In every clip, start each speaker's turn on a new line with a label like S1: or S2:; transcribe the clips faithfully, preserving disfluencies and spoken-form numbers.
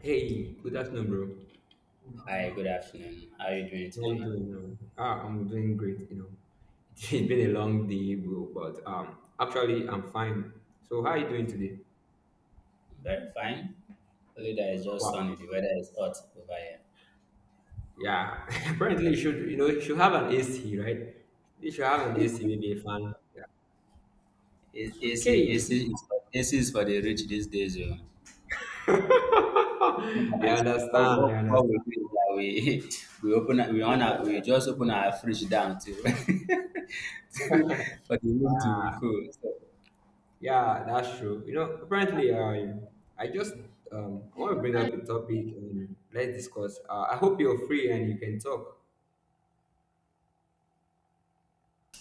S1: Hey, good afternoon, bro.
S2: Hi, good afternoon. How are you doing
S1: How you
S2: today?
S1: doing now? Ah, I'm doing great, you know. It's been a long day, bro, but um actually I'm fine. So how are you doing today?
S2: Very fine. Only that it's just
S1: Wow.
S2: sunny. The weather is hot over here.
S1: Yeah. Apparently you should you know you should have an A C, right? You should have an A C, maybe a fan. Yeah.
S2: It's A C,
S1: Okay.
S2: A C, is for, A C is for the rich these days. Oh.
S1: I
S2: Nowadays, what,
S1: understand,
S2: what,
S1: I
S2: what
S1: understand.
S2: we do is that we we open our- we on our, we just open our fridge down to for the room to be cool. So,
S1: Yeah, that's true. You know, apparently I I just um I want to bring up a topic and let's discuss. Uh, I hope you're free and you can talk.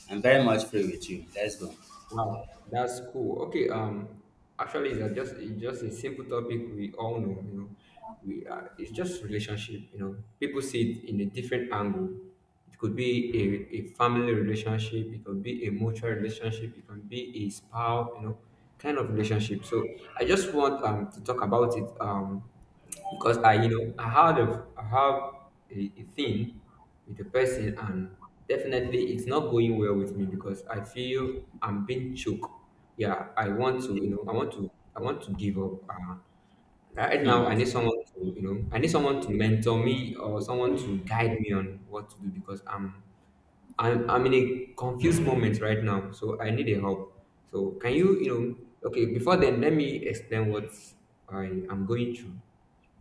S2: I'm very much free with you. Let's go.
S1: Wow, that's cool. Okay, um, actually, it's a just it's just a simple topic we all know. You know, we uh, it's just relationship. You know, people see it in a different angle. It could be a, a family relationship. It could be a mutual relationship. It can be a spouse. You know, kind of relationship. So I just want um to talk about it. Um, because I, you know, I had a, I have a, a thing with a person, and definitely it's not going well with me because I feel I'm being choked. Yeah, I want to, you
S2: Okay.
S1: know, I want to, I want to give up. Uh, right now,
S2: Hmm.
S1: I need someone to, you know, I need someone to mentor me or someone to guide me on what to do because I'm, I'm, I'm in a confused moment right now. So I need a help. So can you, you know, okay, before then, let me explain what I am going through.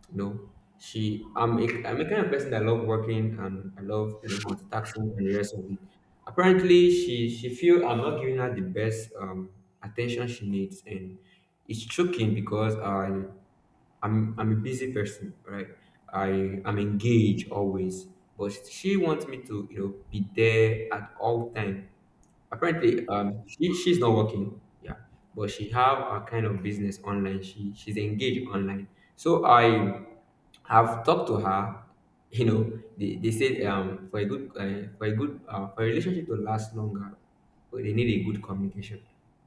S1: You know, she I'm a I'm a kind of person that love working and I love you know multitasking and the rest of it. Apparently, she she feel I'm not giving her the best um, attention she needs, and it's choking because I I'm I'm a busy person, right? I I'm engaged always, but she wants me to you know be there at all time. Apparently, um, she, she's not working, yeah, but she have a kind of business online. She she's engaged online. So I I've talked to her. You know, they, they said um for a good uh, for a good uh, for a relationship to last longer, well, they need a good communication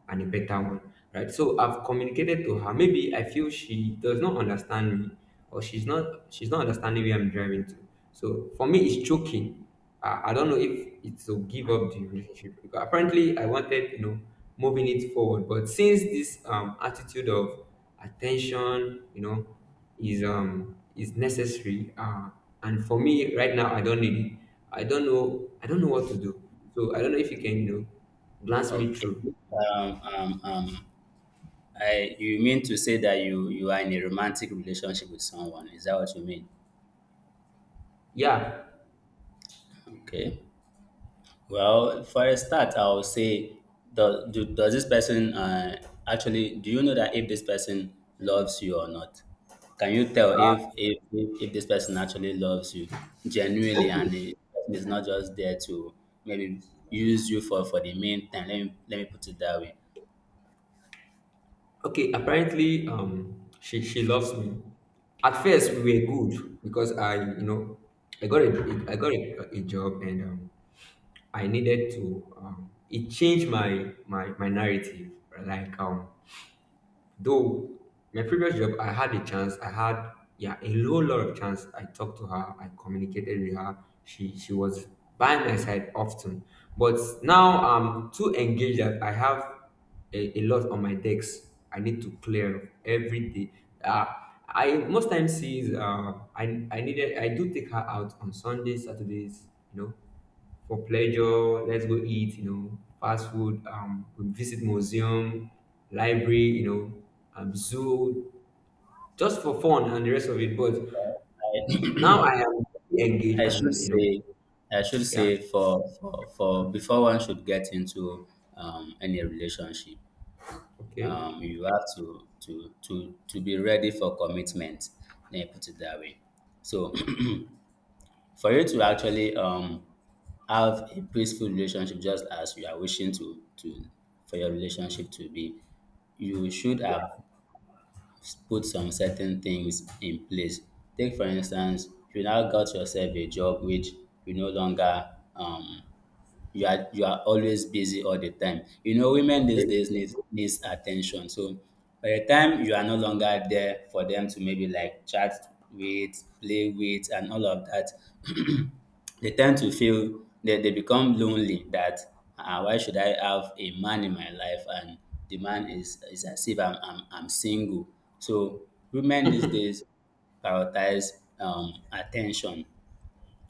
S1: and a better one, right? So I've communicated to her. Maybe I feel she does not understand me, or she's not she's not understanding where I'm driving to. So for me, it's choking. I, I don't know if it's to give up the relationship because apparently I wanted you know moving it forward, but since this um attitude of attention, you know, is um is necessary uh and for me right now I don't need it. I don't know, I don't know what to do. So I don't know if you can you know glance me
S2: Okay.
S1: through.
S2: Um, um, um, I you mean to say that you you are in a romantic relationship with someone, is that what you mean?
S1: Yeah.
S2: Okay. Well, for a start, I would say, do, do, does this person uh, actually, do you know that if this person loves you or not? Can you tell if if, if, if this person actually loves you genuinely and
S1: Okay,
S2: the person is not just there to maybe use you for, for the main time? Let me, let me put it that way.
S1: okay, apparently um she she loves me. At first we were good because i you know i got a I got a, a job and um I needed to um it changed my my my narrative, like, um though my previous job, I had a chance. I had, yeah, a whole lot of chance. I talked to her. I communicated with her. She she was by my side often. But now I'm too engaged that I have a, a lot on my decks. I need to clear every day. Uh, I most times see uh, I I needed I do take her out on Sundays, Saturdays, you know, for pleasure. Let's go eat, you know, fast food. Um, we visit museum, library, you know, um, zoo, just for fun and the rest of it. But now I am engaged
S2: I should
S1: and you know,
S2: say, I should
S1: yeah,
S2: say for, for, for before one should get into um, any relationship,
S1: okay,
S2: um, you have to, to, to, to be ready for commitment. Let me put it that way. So for you to actually um, have a peaceful relationship just as you are wishing to, to for your relationship to be, you should have put some certain things in place. Take for instance, you now got yourself a job which you no longer um you are you are always busy all the time. You know, women these
S1: okay.
S2: days needs needs attention. So by the time you are no longer there for them to maybe like chat with, play with, and all of that, they tend to feel they, they become lonely. That uh, why should I have a man in my life and the man is is as if I'm I'm, I'm single. So women these days prioritize um, attention,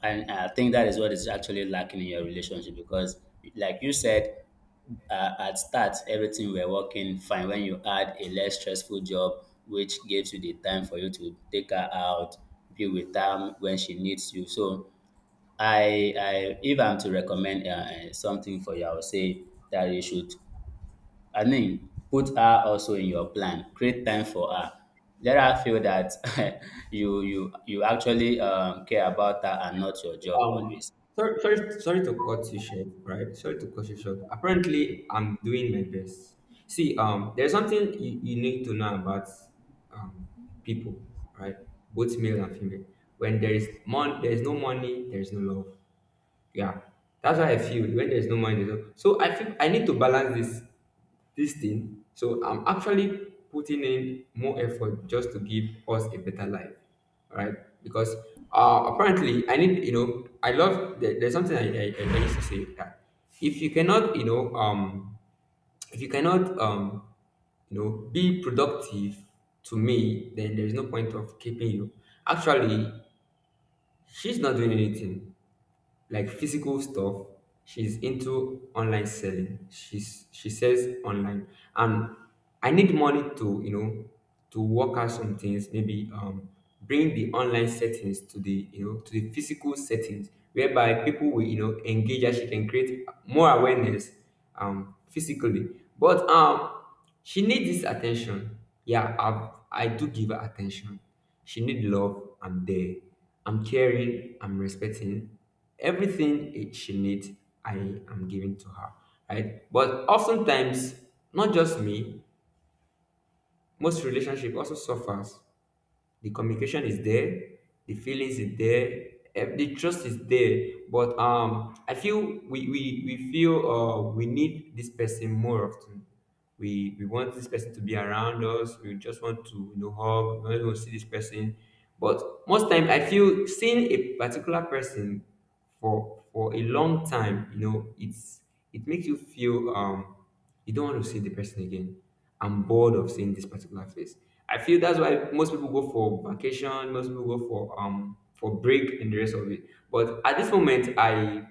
S2: and I think that is what is actually lacking in your relationship because, like you said, uh, at start everything were working fine when you had a less stressful job, which gives you the time for you to take her out, be with her when she needs you. So I, I if I'm to recommend uh, uh, something for you, I would say that you should I mean, put her also in your plan. Create time for her. Let her feel that you you you actually um, care about her and not your job
S1: Um,
S2: always.
S1: sorry, sorry, sorry to cut you short, right? Sorry to cut you short. Apparently, I'm doing my best. See, um, there's something you, you need to know about um people, right? Both male and female. When there is mon- there is no money, there is no love. Yeah, that's why I feel when there's no money, there's no- so I feel I need to balance this this thing. So I'm actually putting in more effort just to give us a better life, right? Because uh, apparently I need you know I love there, there's something I, I, I used to say that if you cannot you know um if you cannot um you know be productive to me, then there's no point of keeping you. Actually, she's not doing anything like physical stuff. She's into online selling. She's she says online, and I need money to you know to work out some things. Maybe um bring the online settings to the you know to the physical settings, whereby people will you know engage and she can create more awareness um physically. But um she need this attention. Yeah, I've, I do give her attention. She need love. I'm there. I'm caring. I'm respecting. Everything it- she needs, I am giving to her. Right? But oftentimes, not just me, most relationship also suffers. The communication is there, the feelings is there, eh, the trust is there, but um I feel we we, we feel uh we need this person more often. we we want this person to be around us. We just want to you know hug. We don't want to see this person. But most time I feel seeing a particular person for for a long time, you know, it's it makes you feel um you don't want to see the person again. I'm bored of seeing this particular face. I feel that's why most people go for vacation, most people go for um for break and the rest of it. But at this moment, I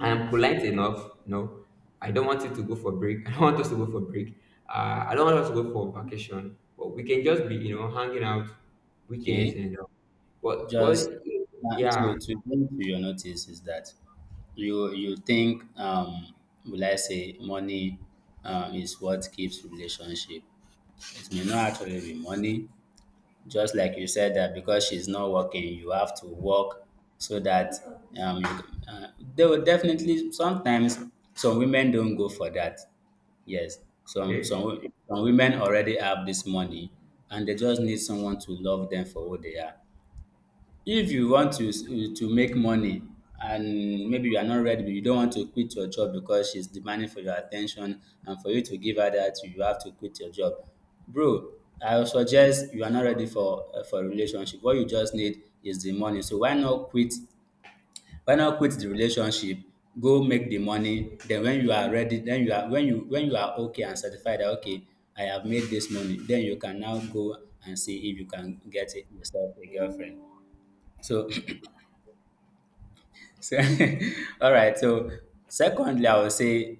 S1: I am polite enough, you know. I don't want you to go for break. I don't want us to go for break. Uh, I don't want us to go for vacation. But we can just be, you know, hanging out weekends
S2: Okay,
S1: and uh, but
S2: just
S1: but
S2: uh,
S1: yeah,
S2: to to bring to your notice is that you you think um, will I say money um, is what keeps relationship. It may not actually be money. Just like you said, that because she's not working, you have to work so that um, you, uh, they will definitely sometimes some women don't go for that. Yes, some some
S1: okay,
S2: wo- some women already have this money and they just need someone to love them for who they are. If you want to to make money and maybe you are not ready, you don't want to quit your job because she's demanding for your attention, and for you to give her that, you have to quit your job. Bro, I would suggest you are not ready for uh, for a relationship. What you just need is the money. So why not quit? Why not quit the relationship? Go make the money. Then when you are ready, then you are when you when you are okay and satisfied that okay, I have made this money. Then you can now go and see if you can get it yourself a girlfriend. So, so, all right. So, secondly, I would say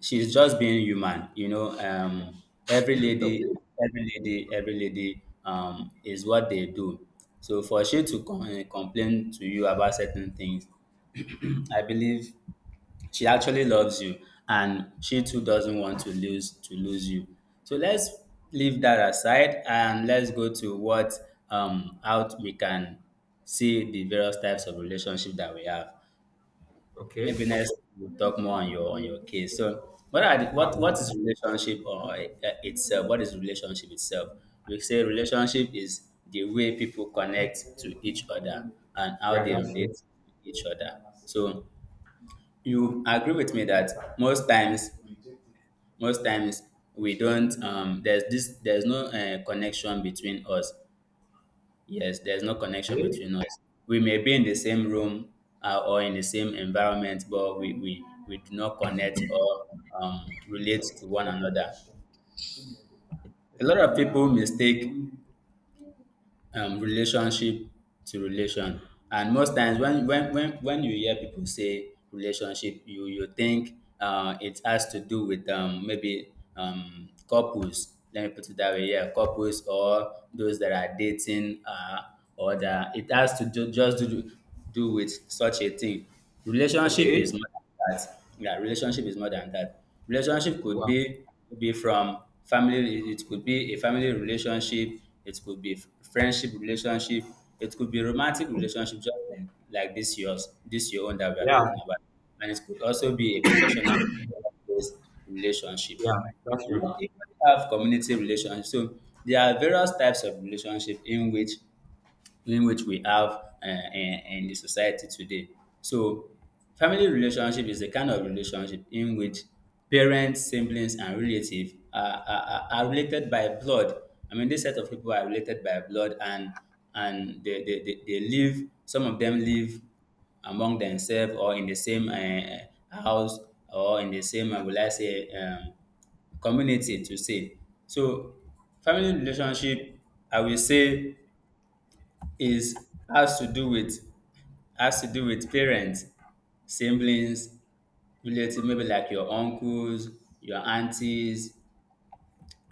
S2: she's just being human. You know, um, every lady,
S1: okay,
S2: every lady, every lady um, is what they do. So, for she to com- eh, complain to you about certain things, I believe she actually loves you and she too doesn't want to lose to lose you. So let's leave that aside and let's go to what um out we can see the various types of relationship that we have. Maybe
S1: okay.
S2: next we'll talk more on your on your case. So what are the, what what
S1: Um,
S2: is relationship, or uh, itself, what is relationship itself? We say relationship is the way people connect to each other and how
S1: yeah,
S2: they
S1: that's
S2: relate
S1: true.
S2: to each other. So you agree with me that most times, most times we don't um there's this there's no uh, connection between us. Yes, there's no connection
S1: Okay,
S2: between us. We may be in the same room, uh, or in the same environment, but we we, we do not connect or um, relate to one another. A lot of people mistake um relationship to relation, and most times when when when when you hear people say relationship, you you think uh, it has to do with um, maybe um, couples, let me put it that way. Yeah, couples, or those that are dating, uh, or that it has to do, just to do do with such a thing. Relationship
S1: okay.
S2: is more than that. Yeah, relationship is more than that. Relationship could
S1: Well,
S2: be, could be from family. It could be a family relationship. It could be friendship relationship. It could be romantic relationship, just like, like this yours, this your own that we are
S1: yeah.
S2: talking about. And it could also be a professional relationship.
S1: Yeah,
S2: We do
S1: that's true.
S2: not even have community relationship. So there are various types of relationship in which, in which we have, uh, in, in the society today. So, family relationship is the kind of relationship in which parents, siblings, and relatives are, are, are related by blood. I mean, this set of people are related by blood, and and they, they, they, they live. Some of them live among themselves or in the same uh, house, or in the same, uh, will I say, um, community to say. So family relationship, I will say, is has to do with, has to do with parents, siblings, relative, maybe like your uncles, your aunties,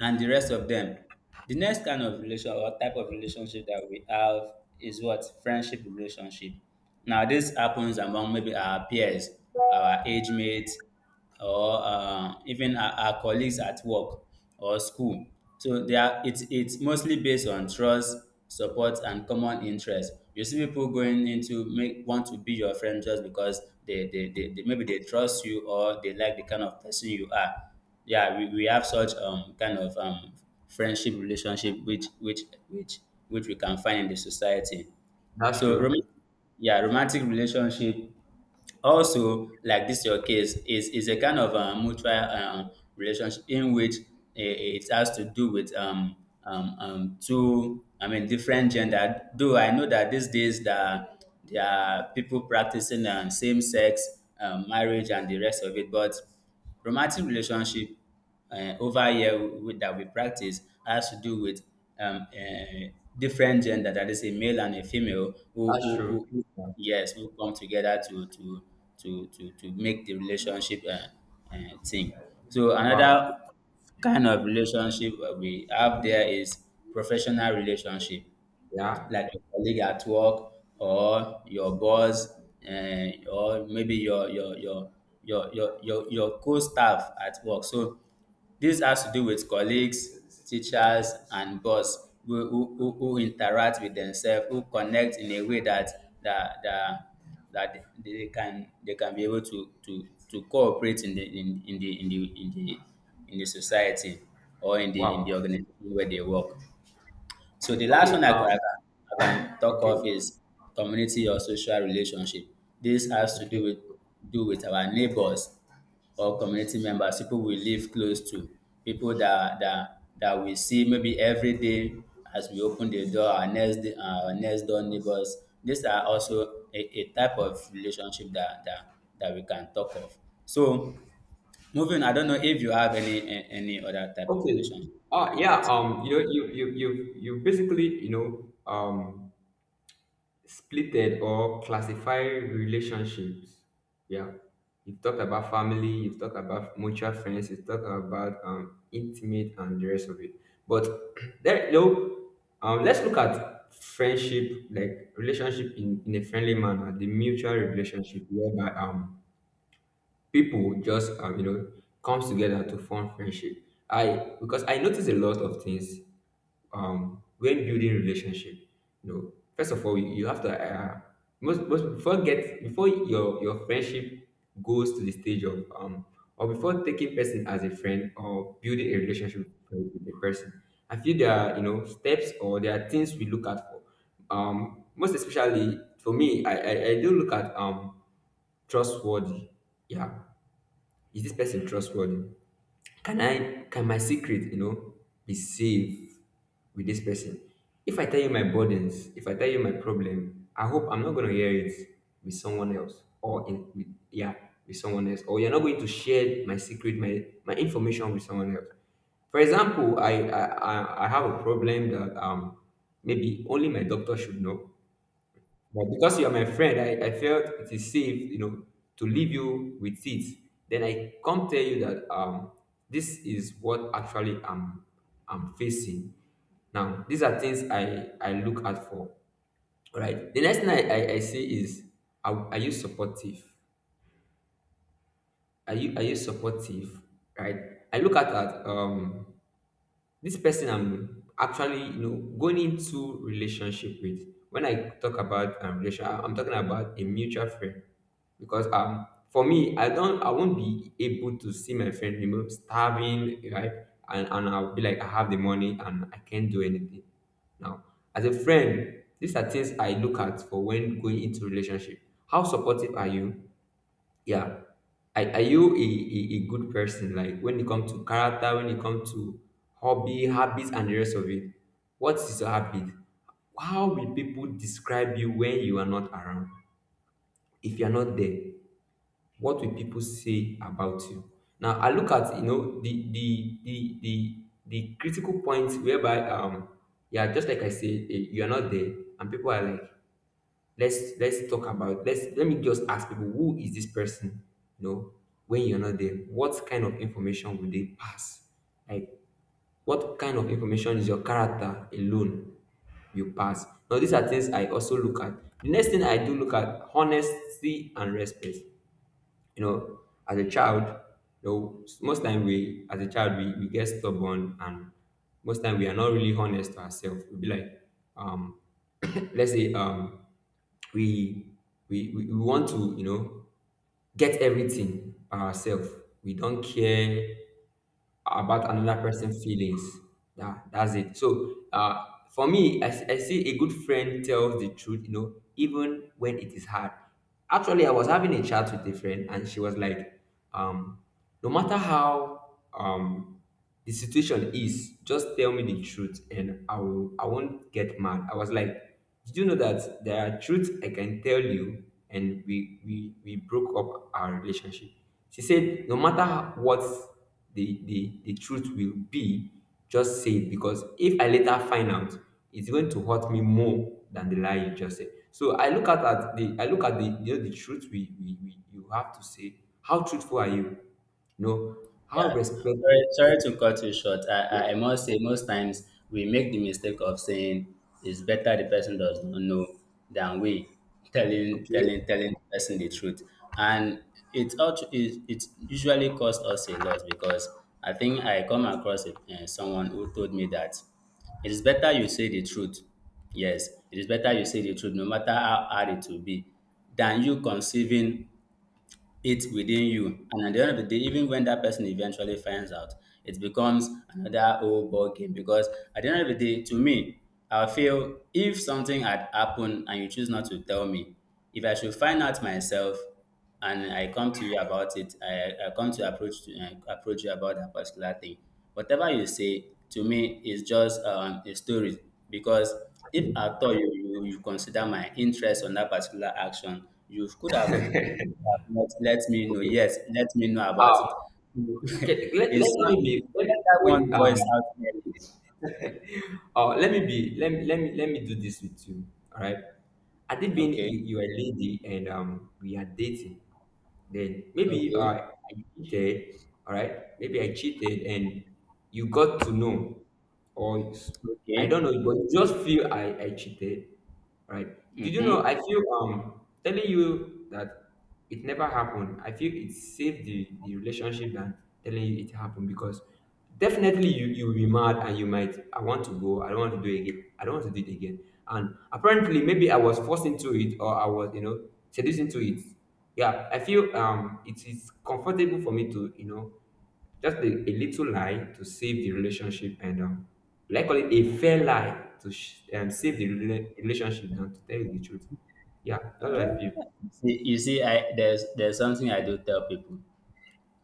S2: and the rest of them. The next kind of relation or type of relationship that we have is what friendship relationship. Now this happens among maybe our peers, our age mates, or uh, even our, our colleagues at work or school. So they are, it's it's mostly based on trust, support, and common interest. You see people going into make want to be your friend just because they, they, they, they maybe they trust you, or they like the kind of person you are. Yeah, we, we have such um kind of um friendship relationship which which which which we can find in the society.
S1: That's
S2: So rom-
S1: true.
S2: yeah, romantic relationship, also like this your case, is is a kind of um, mutual um, relationship in which i- it has to do with um, um, um two, I mean, different gender. Though I know that these days that there are people practicing um, same sex um, marriage and the rest of it, but romantic relationship uh, over here with, that we practice, has to do with um, uh, different gender, that is a male and a female, who,
S1: That's
S2: who,
S1: true.
S2: who, who-
S1: Yeah.
S2: yes, who come together to to to to, to make the relationship uh, uh, thing. So
S1: Wow.
S2: another kind of relationship uh, we have there is professional relationship,
S1: Yeah.
S2: like your colleague at work, or your boss, and or maybe your your your your your your, your co-staff at work. So this has to do with colleagues, teachers, and boss, who who, who who interact with themselves, who connect in a way that that that that they can, they can be able to to to cooperate in the, in, in the in the in the in the society, or in the, in the
S1: Wow.
S2: organization where they work. So the last
S1: Okay.
S2: one I can, I
S1: Um.
S2: can, I can talk
S1: Okay.
S2: of is community or social relationship. This has to
S1: Okay.
S2: do with, do with our neighbors or community members, people we live close to, people that that that we see maybe every day as we open the door, our next day- our next door neighbors. These are also a, a type of relationship that, that that we can talk of. So moving, I don't know if you have any a- any other type of
S1: Okay.
S2: relationship.
S1: Uh, yeah. Um. You know. You. You. You. You. Basically. You know. Um. Splitted or classify relationships. Yeah, you've talked about family, you've talked about mutual friends, you've talked about um, intimate and the rest of it. But there, you know, um, let's look at friendship, like relationship in, in a friendly manner, the mutual relationship whereby um people just um you know comes together to form friendship. I because I notice a lot of things um, when building relationship, you know, first of all, you you have to uh, most most before get before your your friendship goes to the stage of um or before taking person as a friend or building a relationship with the person, I feel there are you know steps or there are things we look at for. Um, most especially for me, I I, I do look at um trustworthy. Yeah, is this person trustworthy? Can I can my secret, you know, be safe with this person? If I tell you my burdens, if I tell you my problem, I hope I'm not gonna hear it with someone else or in with, yeah, with someone else. Or you're not going to share my secret, my my information with someone else. For example, I I, I I have a problem that um maybe only my doctor should know, but because you are my friend, I, I felt it is safe, you know, to leave you with it. Then I come tell you that um, this is what actually I'm I'm facing. Now, these are things I, I look out for. Right. The next thing I, I, I say is, are, are you supportive? Are you are you supportive? Right. I look at that, um this person I'm actually, you know, going into relationship with. When I talk about um, relation, I- I'm talking about a mutual friend because um for me, i don't I won't be able to see my friend, you know, starving, right? And, and I'll be like, I have the money and I can't do anything now. As a friend, these are things I look at for when going into relationship. How supportive are you? Yeah. Are, are you a, a, a good person? Like when it comes to character, when it comes to hobby, habits and the rest of it. What is your habit? How will people describe you when you are not around? If you are not there, what will people say about you? Now I look at, you know, the the the the, the critical points whereby, um, yeah, just like I say, eh, you are not there and people are like, let's let's talk about let's let me just ask people, who is this person, you know? When you're not there, what kind of information will they pass? Like, what kind of information is your character alone you pass? Now these are things I also look at. The next thing I do look at, honesty and respect. You know, as a child, you know, most time we, as a child, we, we get stubborn, and most time we are not really honest to ourselves. We'll be like, um let's say, um, we we we we want to, you know, get everything ourselves. We don't care about another person's feelings. That that's it. So uh for me, I, s- I see a good friend tells the truth, you know, even when it is hard. Actually, I was having a chat with a friend and she was like, um, no matter how, um, the situation is, just tell me the truth and I will I won't get mad. I was like, did you know that there are truths I can tell you? And we we, we broke up our relationship. She said, no matter how- what the, the, the truth will be, just say it, because if I later find out, it's going to hurt me more than the lie you just said. So I look at, at the I look at the, you know, the truth we, we, we you have to say. How truthful are you? You know, how
S2: Yeah,
S1: respect.
S2: sorry, sorry to cut you short. I, I I must say, most times we make the mistake of saying it's better the person does not know than we telling
S1: Okay,
S2: telling telling the person the truth, and it also it, it usually costs us a lot because I think I come across a, uh, someone who told me that it is better you say the truth. Yes, it is better you say the truth, no matter how hard it will be, than you conceiving it within you. And at the end of the day, even when that person eventually finds out, it becomes another old ball game. Because at the end of the day, to me, I feel if something had happened and you choose not to tell me, if I should find out myself and I come to you about it, I, I come to approach to, uh, approach you about that particular thing. Whatever you say to me is just um, a story, because if at all you, you, you consider my interest on that particular action, you could have let let me know.
S1: okay.
S2: Yes, let me know about
S1: Uh,
S2: it.
S1: okay, let, let,
S2: It's
S1: let
S2: not—
S1: me be let
S2: let
S1: me,
S2: that
S1: wait,
S2: one
S1: um
S2: voice out clearly.
S1: uh, let me be let me, let me let me do this with you. All right. Had it been
S2: Okay,
S1: you, you are a lady and, um, we are dating. Then maybe
S2: okay,
S1: I, I cheated, all right? Maybe I cheated and you got to know, or s- I don't
S2: okay.
S1: know, but you just feel I, I cheated, all right? Did you know?
S2: Mm-hmm.
S1: I feel, um, telling you that it never happened, I feel it saved the, the relationship than telling you it happened, because definitely you you'll be mad and you might I want to go, I don't want to do it again, I don't want to do it again. And apparently, maybe I was forced into it or I was, you know, seduced into it. Yeah, I feel, um, it is comfortable for me to, you know, just a, a little lie to save the relationship, and, um, like, call it a fair lie to sh- um, save the rela- relationship than to tell you the truth. Yeah, that's what I feel.
S2: See, you see, I there's there's something I do tell people,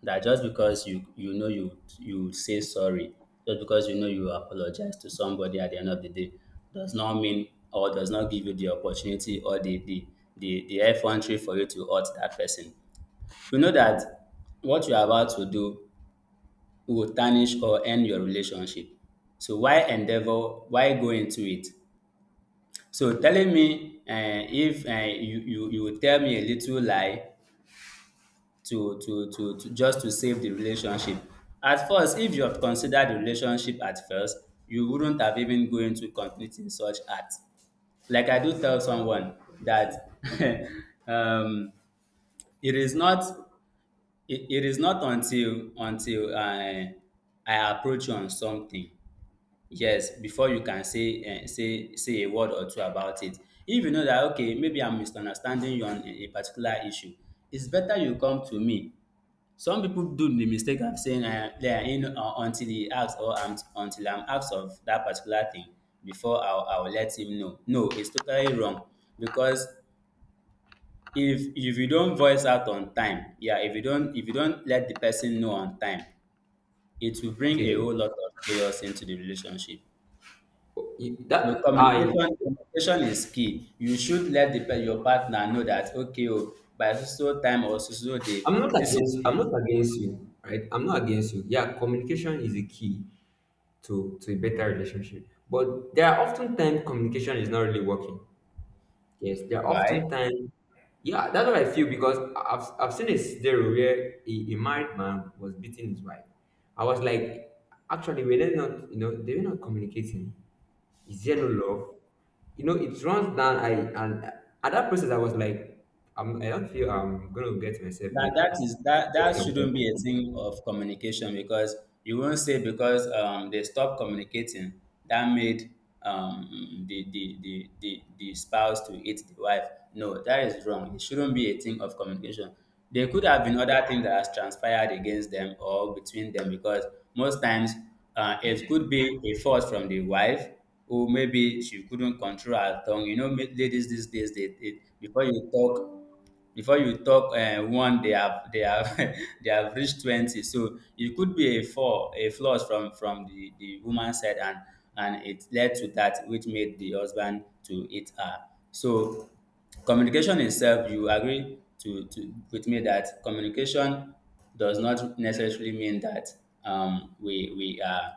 S2: that just because you you know you you say sorry, just because you know you apologize to somebody at the end of the day, does not mean or does not give you the opportunity or the the the, the effrontery for you to hurt that person. You know that what you're about to do will tarnish or end your relationship. So why endeavor? Why go into it? So telling me, uh, if uh, you, you you will tell me a little lie to, to to to just to save the relationship. At first, if you have considered the relationship at first, you wouldn't have even go into committing such act. Like I do tell someone that, um, it is not it, it is not until until i i approach you on something. Yes, before you can say um say say a word or two about it. If you know that, okay, maybe I'm misunderstanding you on a a particular issue, it's better you come to me. Some people do the mistake of saying, um yeah, you know, uh, until he asks, or I'm until I'm asked of that particular thing before I'll I'll let him know. No, it's totally wrong, because if if you don't voice out on time, yeah, if you don't if you don't let the person know on time, it will bring a whole
S1: Okay.
S2: lot of chaos into the relationship.
S1: You-
S2: So
S1: That I.
S2: communication communication is key. You should let the, pe- your partner know that, okay, oh, by so so time or so so day,
S1: I'm not
S2: this is
S1: against
S2: what-
S1: I'm not against you, right? I'm not against you. Yeah, communication is a key to to a better relationship. But there are often times communication is not really working. Yes, there are
S2: why.
S1: oftentimes, yeah, that's what I feel, because I've, I've seen a scenario where a, a married man was beating his wife. I was like, actually, were they not, you know, they were not communicating. Is there no love? You know, it runs down. I and At that process, I was like, I'm, I don't feel I'm gonna get myself
S2: That
S1: get
S2: that
S1: getting
S2: is that that shouldn't
S1: away.
S2: be a thing of communication, because you won't say because um, they stopped communicating, that made um, the, the the the the spouse to hate the wife. No, that is wrong. It shouldn't be a thing of communication. There could have been other things that has transpired against them or between them, because most times uh, it could be a fault from the wife, who maybe she couldn't control her tongue. You know, ma- ladies these days, they, they before you talk before you talk um one, they have they have they have reached twenty, so it could be a fall a flaws from from the the woman side, and and it led to that, which made the husband to hit her. So communication itself, you agree to to with me, that communication does not necessarily mean that um we we are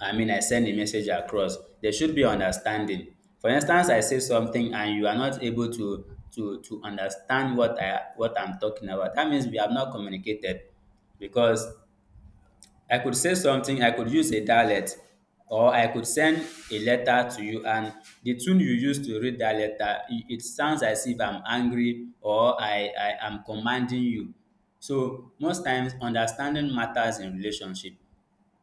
S2: I mean, I send a message across. There should be understanding. For instance, I say something and you are not able to to to understand what I what I'm talking about. That means we have not communicated, because I could say something, I could use a dialect, or I could send a letter to you, and the tune you use to read that letter, it, it sounds as if I'm angry or I, I am commanding you. So most times, understanding matters in relationship.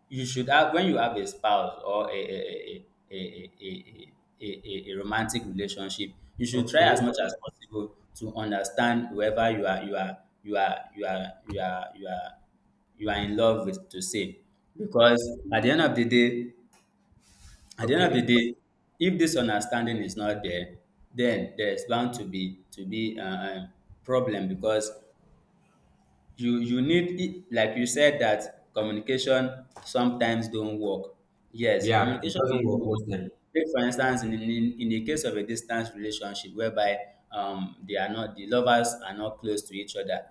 S2: You should have, when you have a spouse or a a a a a a a a a romantic relationship, you should try as
S1: Okay,
S2: much as possible to understand whoever you are you are you are you are you are you are you are in love with, to say, because at the end of the day, at the end of the
S1: okay,
S2: day if this understanding is not there, then there's bound to be to be uh, um, problem, because you you need e- like you said, that communication sometimes don't work. Yes,
S1: yeah, it
S2: communication
S1: doesn't
S2: don't
S1: work
S2: work.
S1: most time.
S2: Take for instance, in in, in the case of a distance relationship, whereby um they are not the lovers are not close to each other,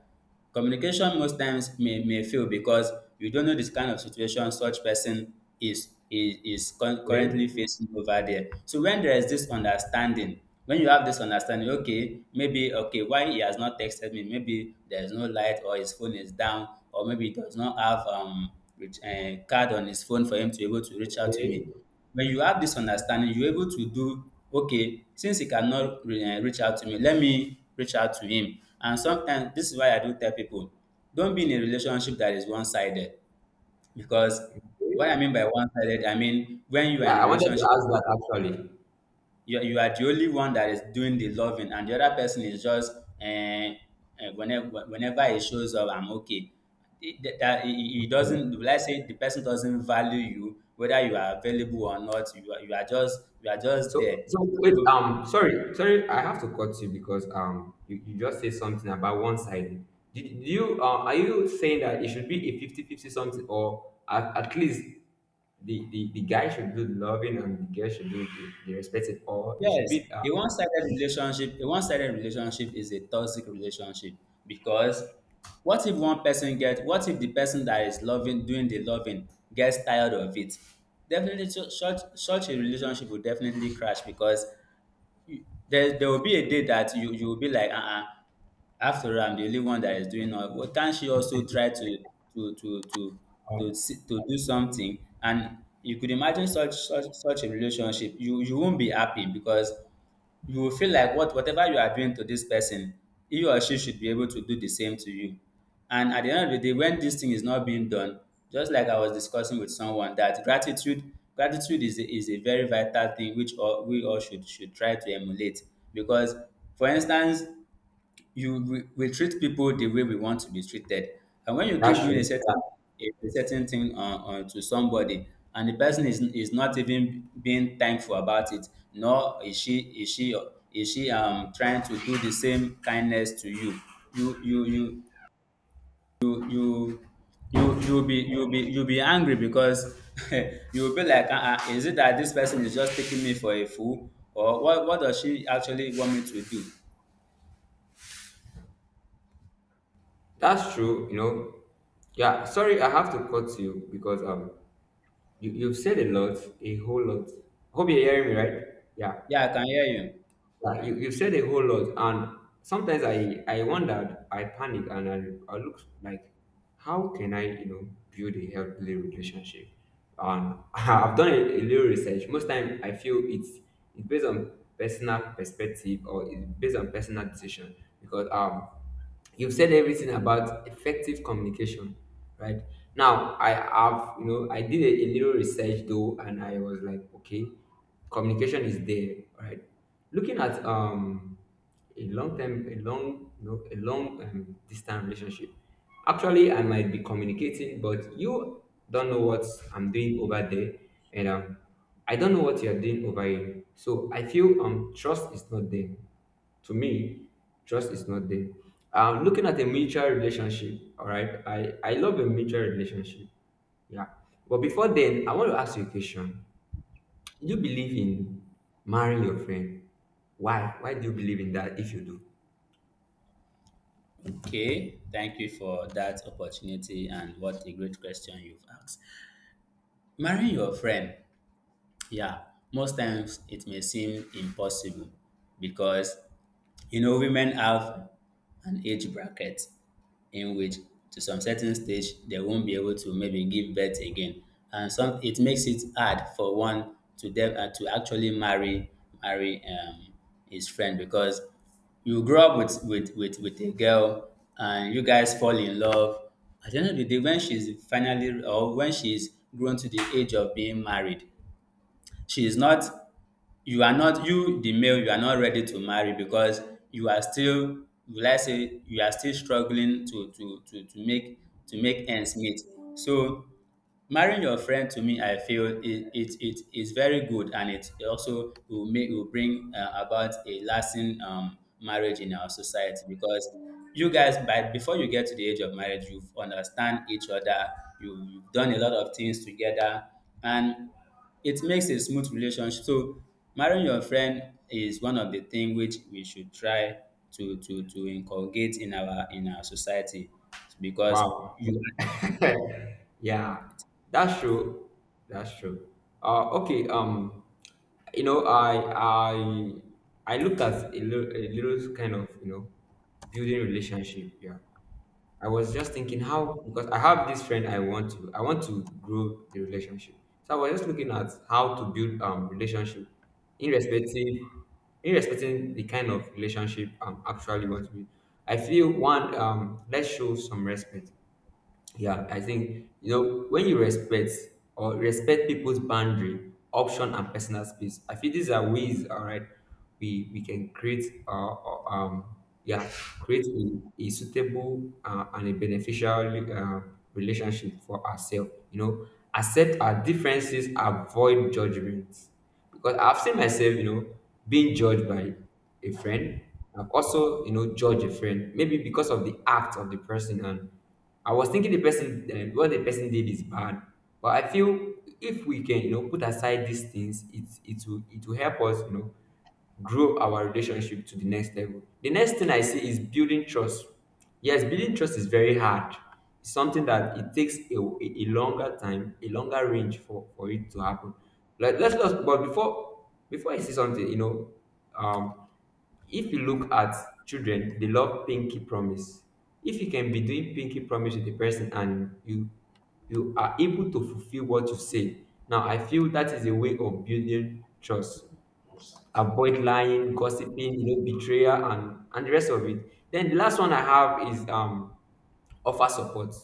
S2: communication most times may may fail, because you don't know this kind of situation such person is is is cur-
S1: Okay,
S2: currently facing over there. So when there is this understanding when you have this understanding, okay, maybe, okay, why he has not texted me, maybe there is no light, or his phone is down, or maybe he does not have, um reach, uh, card on his phone for him to be able to reach out to
S1: okay,
S2: me. When you have this understanding, you're able to do, okay, since he cannot re- eh, reach out to me, let me reach out to him. And sometimes this is why I do tell people, don't be in a relationship that is one-sided. Because, what I mean
S1: okay.
S2: by one-sided, I mean when you are
S1: Yeah,
S2: in a
S1: I wanted to
S2: relationship,
S1: ask that actually.
S2: you you are the only one that is doing the loving and the other person is just uh whenever whenever he shows up, I'm okay. It- that that- he he doesn't— let's say the person doesn't value you, whether you are available or not, you are, you are just you are just
S1: So,
S2: there.
S1: so wait,
S2: So,
S1: um, sorry, sorry, I have to cut you because, um, you, you just said something about one side. Did, did you, uh, are you saying that it should be a fifty fifty something, or at, at least the, the, the guy should do the loving and the girl should do the, the respecting, or it should
S2: yes,
S1: be, uh,
S2: a one-sided
S1: the-
S2: relationship, a one-sided relationship is a toxic relationship, because what if one person get, what if the person that is loving, doing the loving, gets tired of it? Definitely, su- such such a relationship will definitely crash, because you- there there will be a day that you you will be like, uh-uh, after all, I'm the only one that is doing all. Well, can't she also try to to to to
S1: uh,
S2: to see, to do something? And you could imagine such such such a relationship, you you won't be happy, because you will feel like what whatever you are doing to this person, he or she should be able to do the same to you. And at the end of the day, when this thing is not being done, just like I was discussing with someone, that gratitude gratitude is a, is a very vital thing, which all, we all should should try to emulate. Because, for instance, you we, we treat people the way we want to be treated. And when you keep
S1: that's
S2: doing a
S1: true. Yeah,
S2: certain a, certain thing uh, uh, to somebody, and the person is is not even being thankful about it, nor is she is she is she um trying to do the same kindness to you. You you you you you you you'll be you'll be you'll be angry, because you'll be like, uh-uh, is it that this person is just taking me for a fool, or what what does she actually want me to do?
S1: that's true. You know, yeah. Sorry, I have to cut you because, um, you, you've said a lot, a whole lot. Hope you're hearing me, right? Yeah.
S2: Yeah, I can hear you.
S1: Like you, you said a whole lot, and sometimes I I wondered, I panic, and I I look like, how can I, you know, build a healthy relationship? And I've done a, a little research. Most time I feel it's it's based on personal perspective, or it's based on personal decision, because, um, you've said everything about effective communication, right? Now I have, you know, I did a, a little research though, and I was like, okay, communication is there, right? Looking at, um, a long term a long, you know, a long, um, distance relationship, actually, I might be communicating but you don't know what I'm doing over there, and, um, I don't know what you're doing over here, so I feel, um, trust is not there. To me, trust is not there. Um, looking at a mutual relationship, all right. I I love a mutual relationship, yeah. But before then, I want to ask you a question. Do you believe in marrying your friend? Why? Why do you believe in that? If you do,
S2: Okay, thank you for that opportunity, and what a great question you've asked. Marrying your friend, yeah, most times it may seem impossible, because, you know, women have an age bracket in which, to some certain stage, they won't be able to maybe give birth again, and some, it makes it hard for one to de- uh, to actually marry marry um, his friend, because you grow up with, with with with a girl and you guys fall in love. At the end of the day, when she's finally or when she's grown to the age of being married, she is not you are not, you the male, you are not ready to marry, because you are still, will I say, you are still struggling to to to to make to make ends meet. So, marrying your friend, to me, I feel it it, it is very good, and it also will make will bring uh, about a lasting um, marriage in our society, because you guys, by before you get to the age of marriage, you understand each other. You, you've done a lot of things together, and it makes a smooth relationship. So marrying your friend is one of the thing which we should try to to to inculcate in our in our society because
S1: wow,
S2: you
S1: yeah, that's true. That's true. Uh, okay. Um, you know, I I I looked at a little, a little kind of, you know, building relationship. Yeah. I was just thinking how, because I have this friend I want to I want to grow the relationship. So I was just looking at how to build, um, relationship irrespective, irrespective the kind of relationship I'm actually want to be. I feel, one, um, let's show some respect. Yeah, I think, you know, when you respect or respect people's boundary, option, and personal space, I feel these are ways. All right, we we can create, uh, uh, um yeah, create a, a suitable, uh, and a beneficial, uh, relationship for ourselves. You know, accept our differences, avoid judgments, because I've seen myself, you know, being judged by a friend. I've also, you know, judged a friend, maybe because of the act of the person, and I was thinking the person, uh, what the person did is bad, but I feel if we can, you know, put aside these things, it it will it will help us, you know, grow our relationship to the next level. The next thing I see is building trust. Yes, building trust is very hard. It's something that it takes a, a a longer time, a longer range for for it to happen. Like, let's, let's, but before before I say something, you know, um, if you look at children, they love pinky promise. If you can be doing pinky promise with the person and you you are able to fulfill what you say, now I feel that is a way of building trust. Avoid lying, gossiping, you know, betrayal and and the rest of it. Then the last one I have is, um, offer support.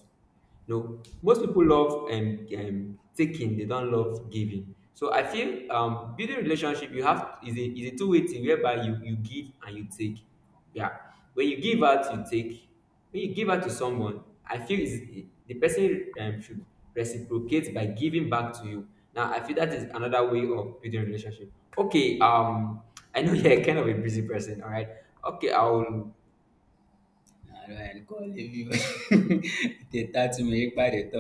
S1: You know, most people love, um, um taking, they don't love giving, so I feel, um, building relationship you have is a, is a two-way thing whereby you you give and you take. Yeah. When you give out, you take. When you give out to someone, I feel is the person, um, should reciprocate by giving back to you. Now I feel that is another way of building relationship. Okay, um, I know you're kind of a busy person. All right, okay, I'll
S2: I don't call, if you dey tattle me ekpa dey talk.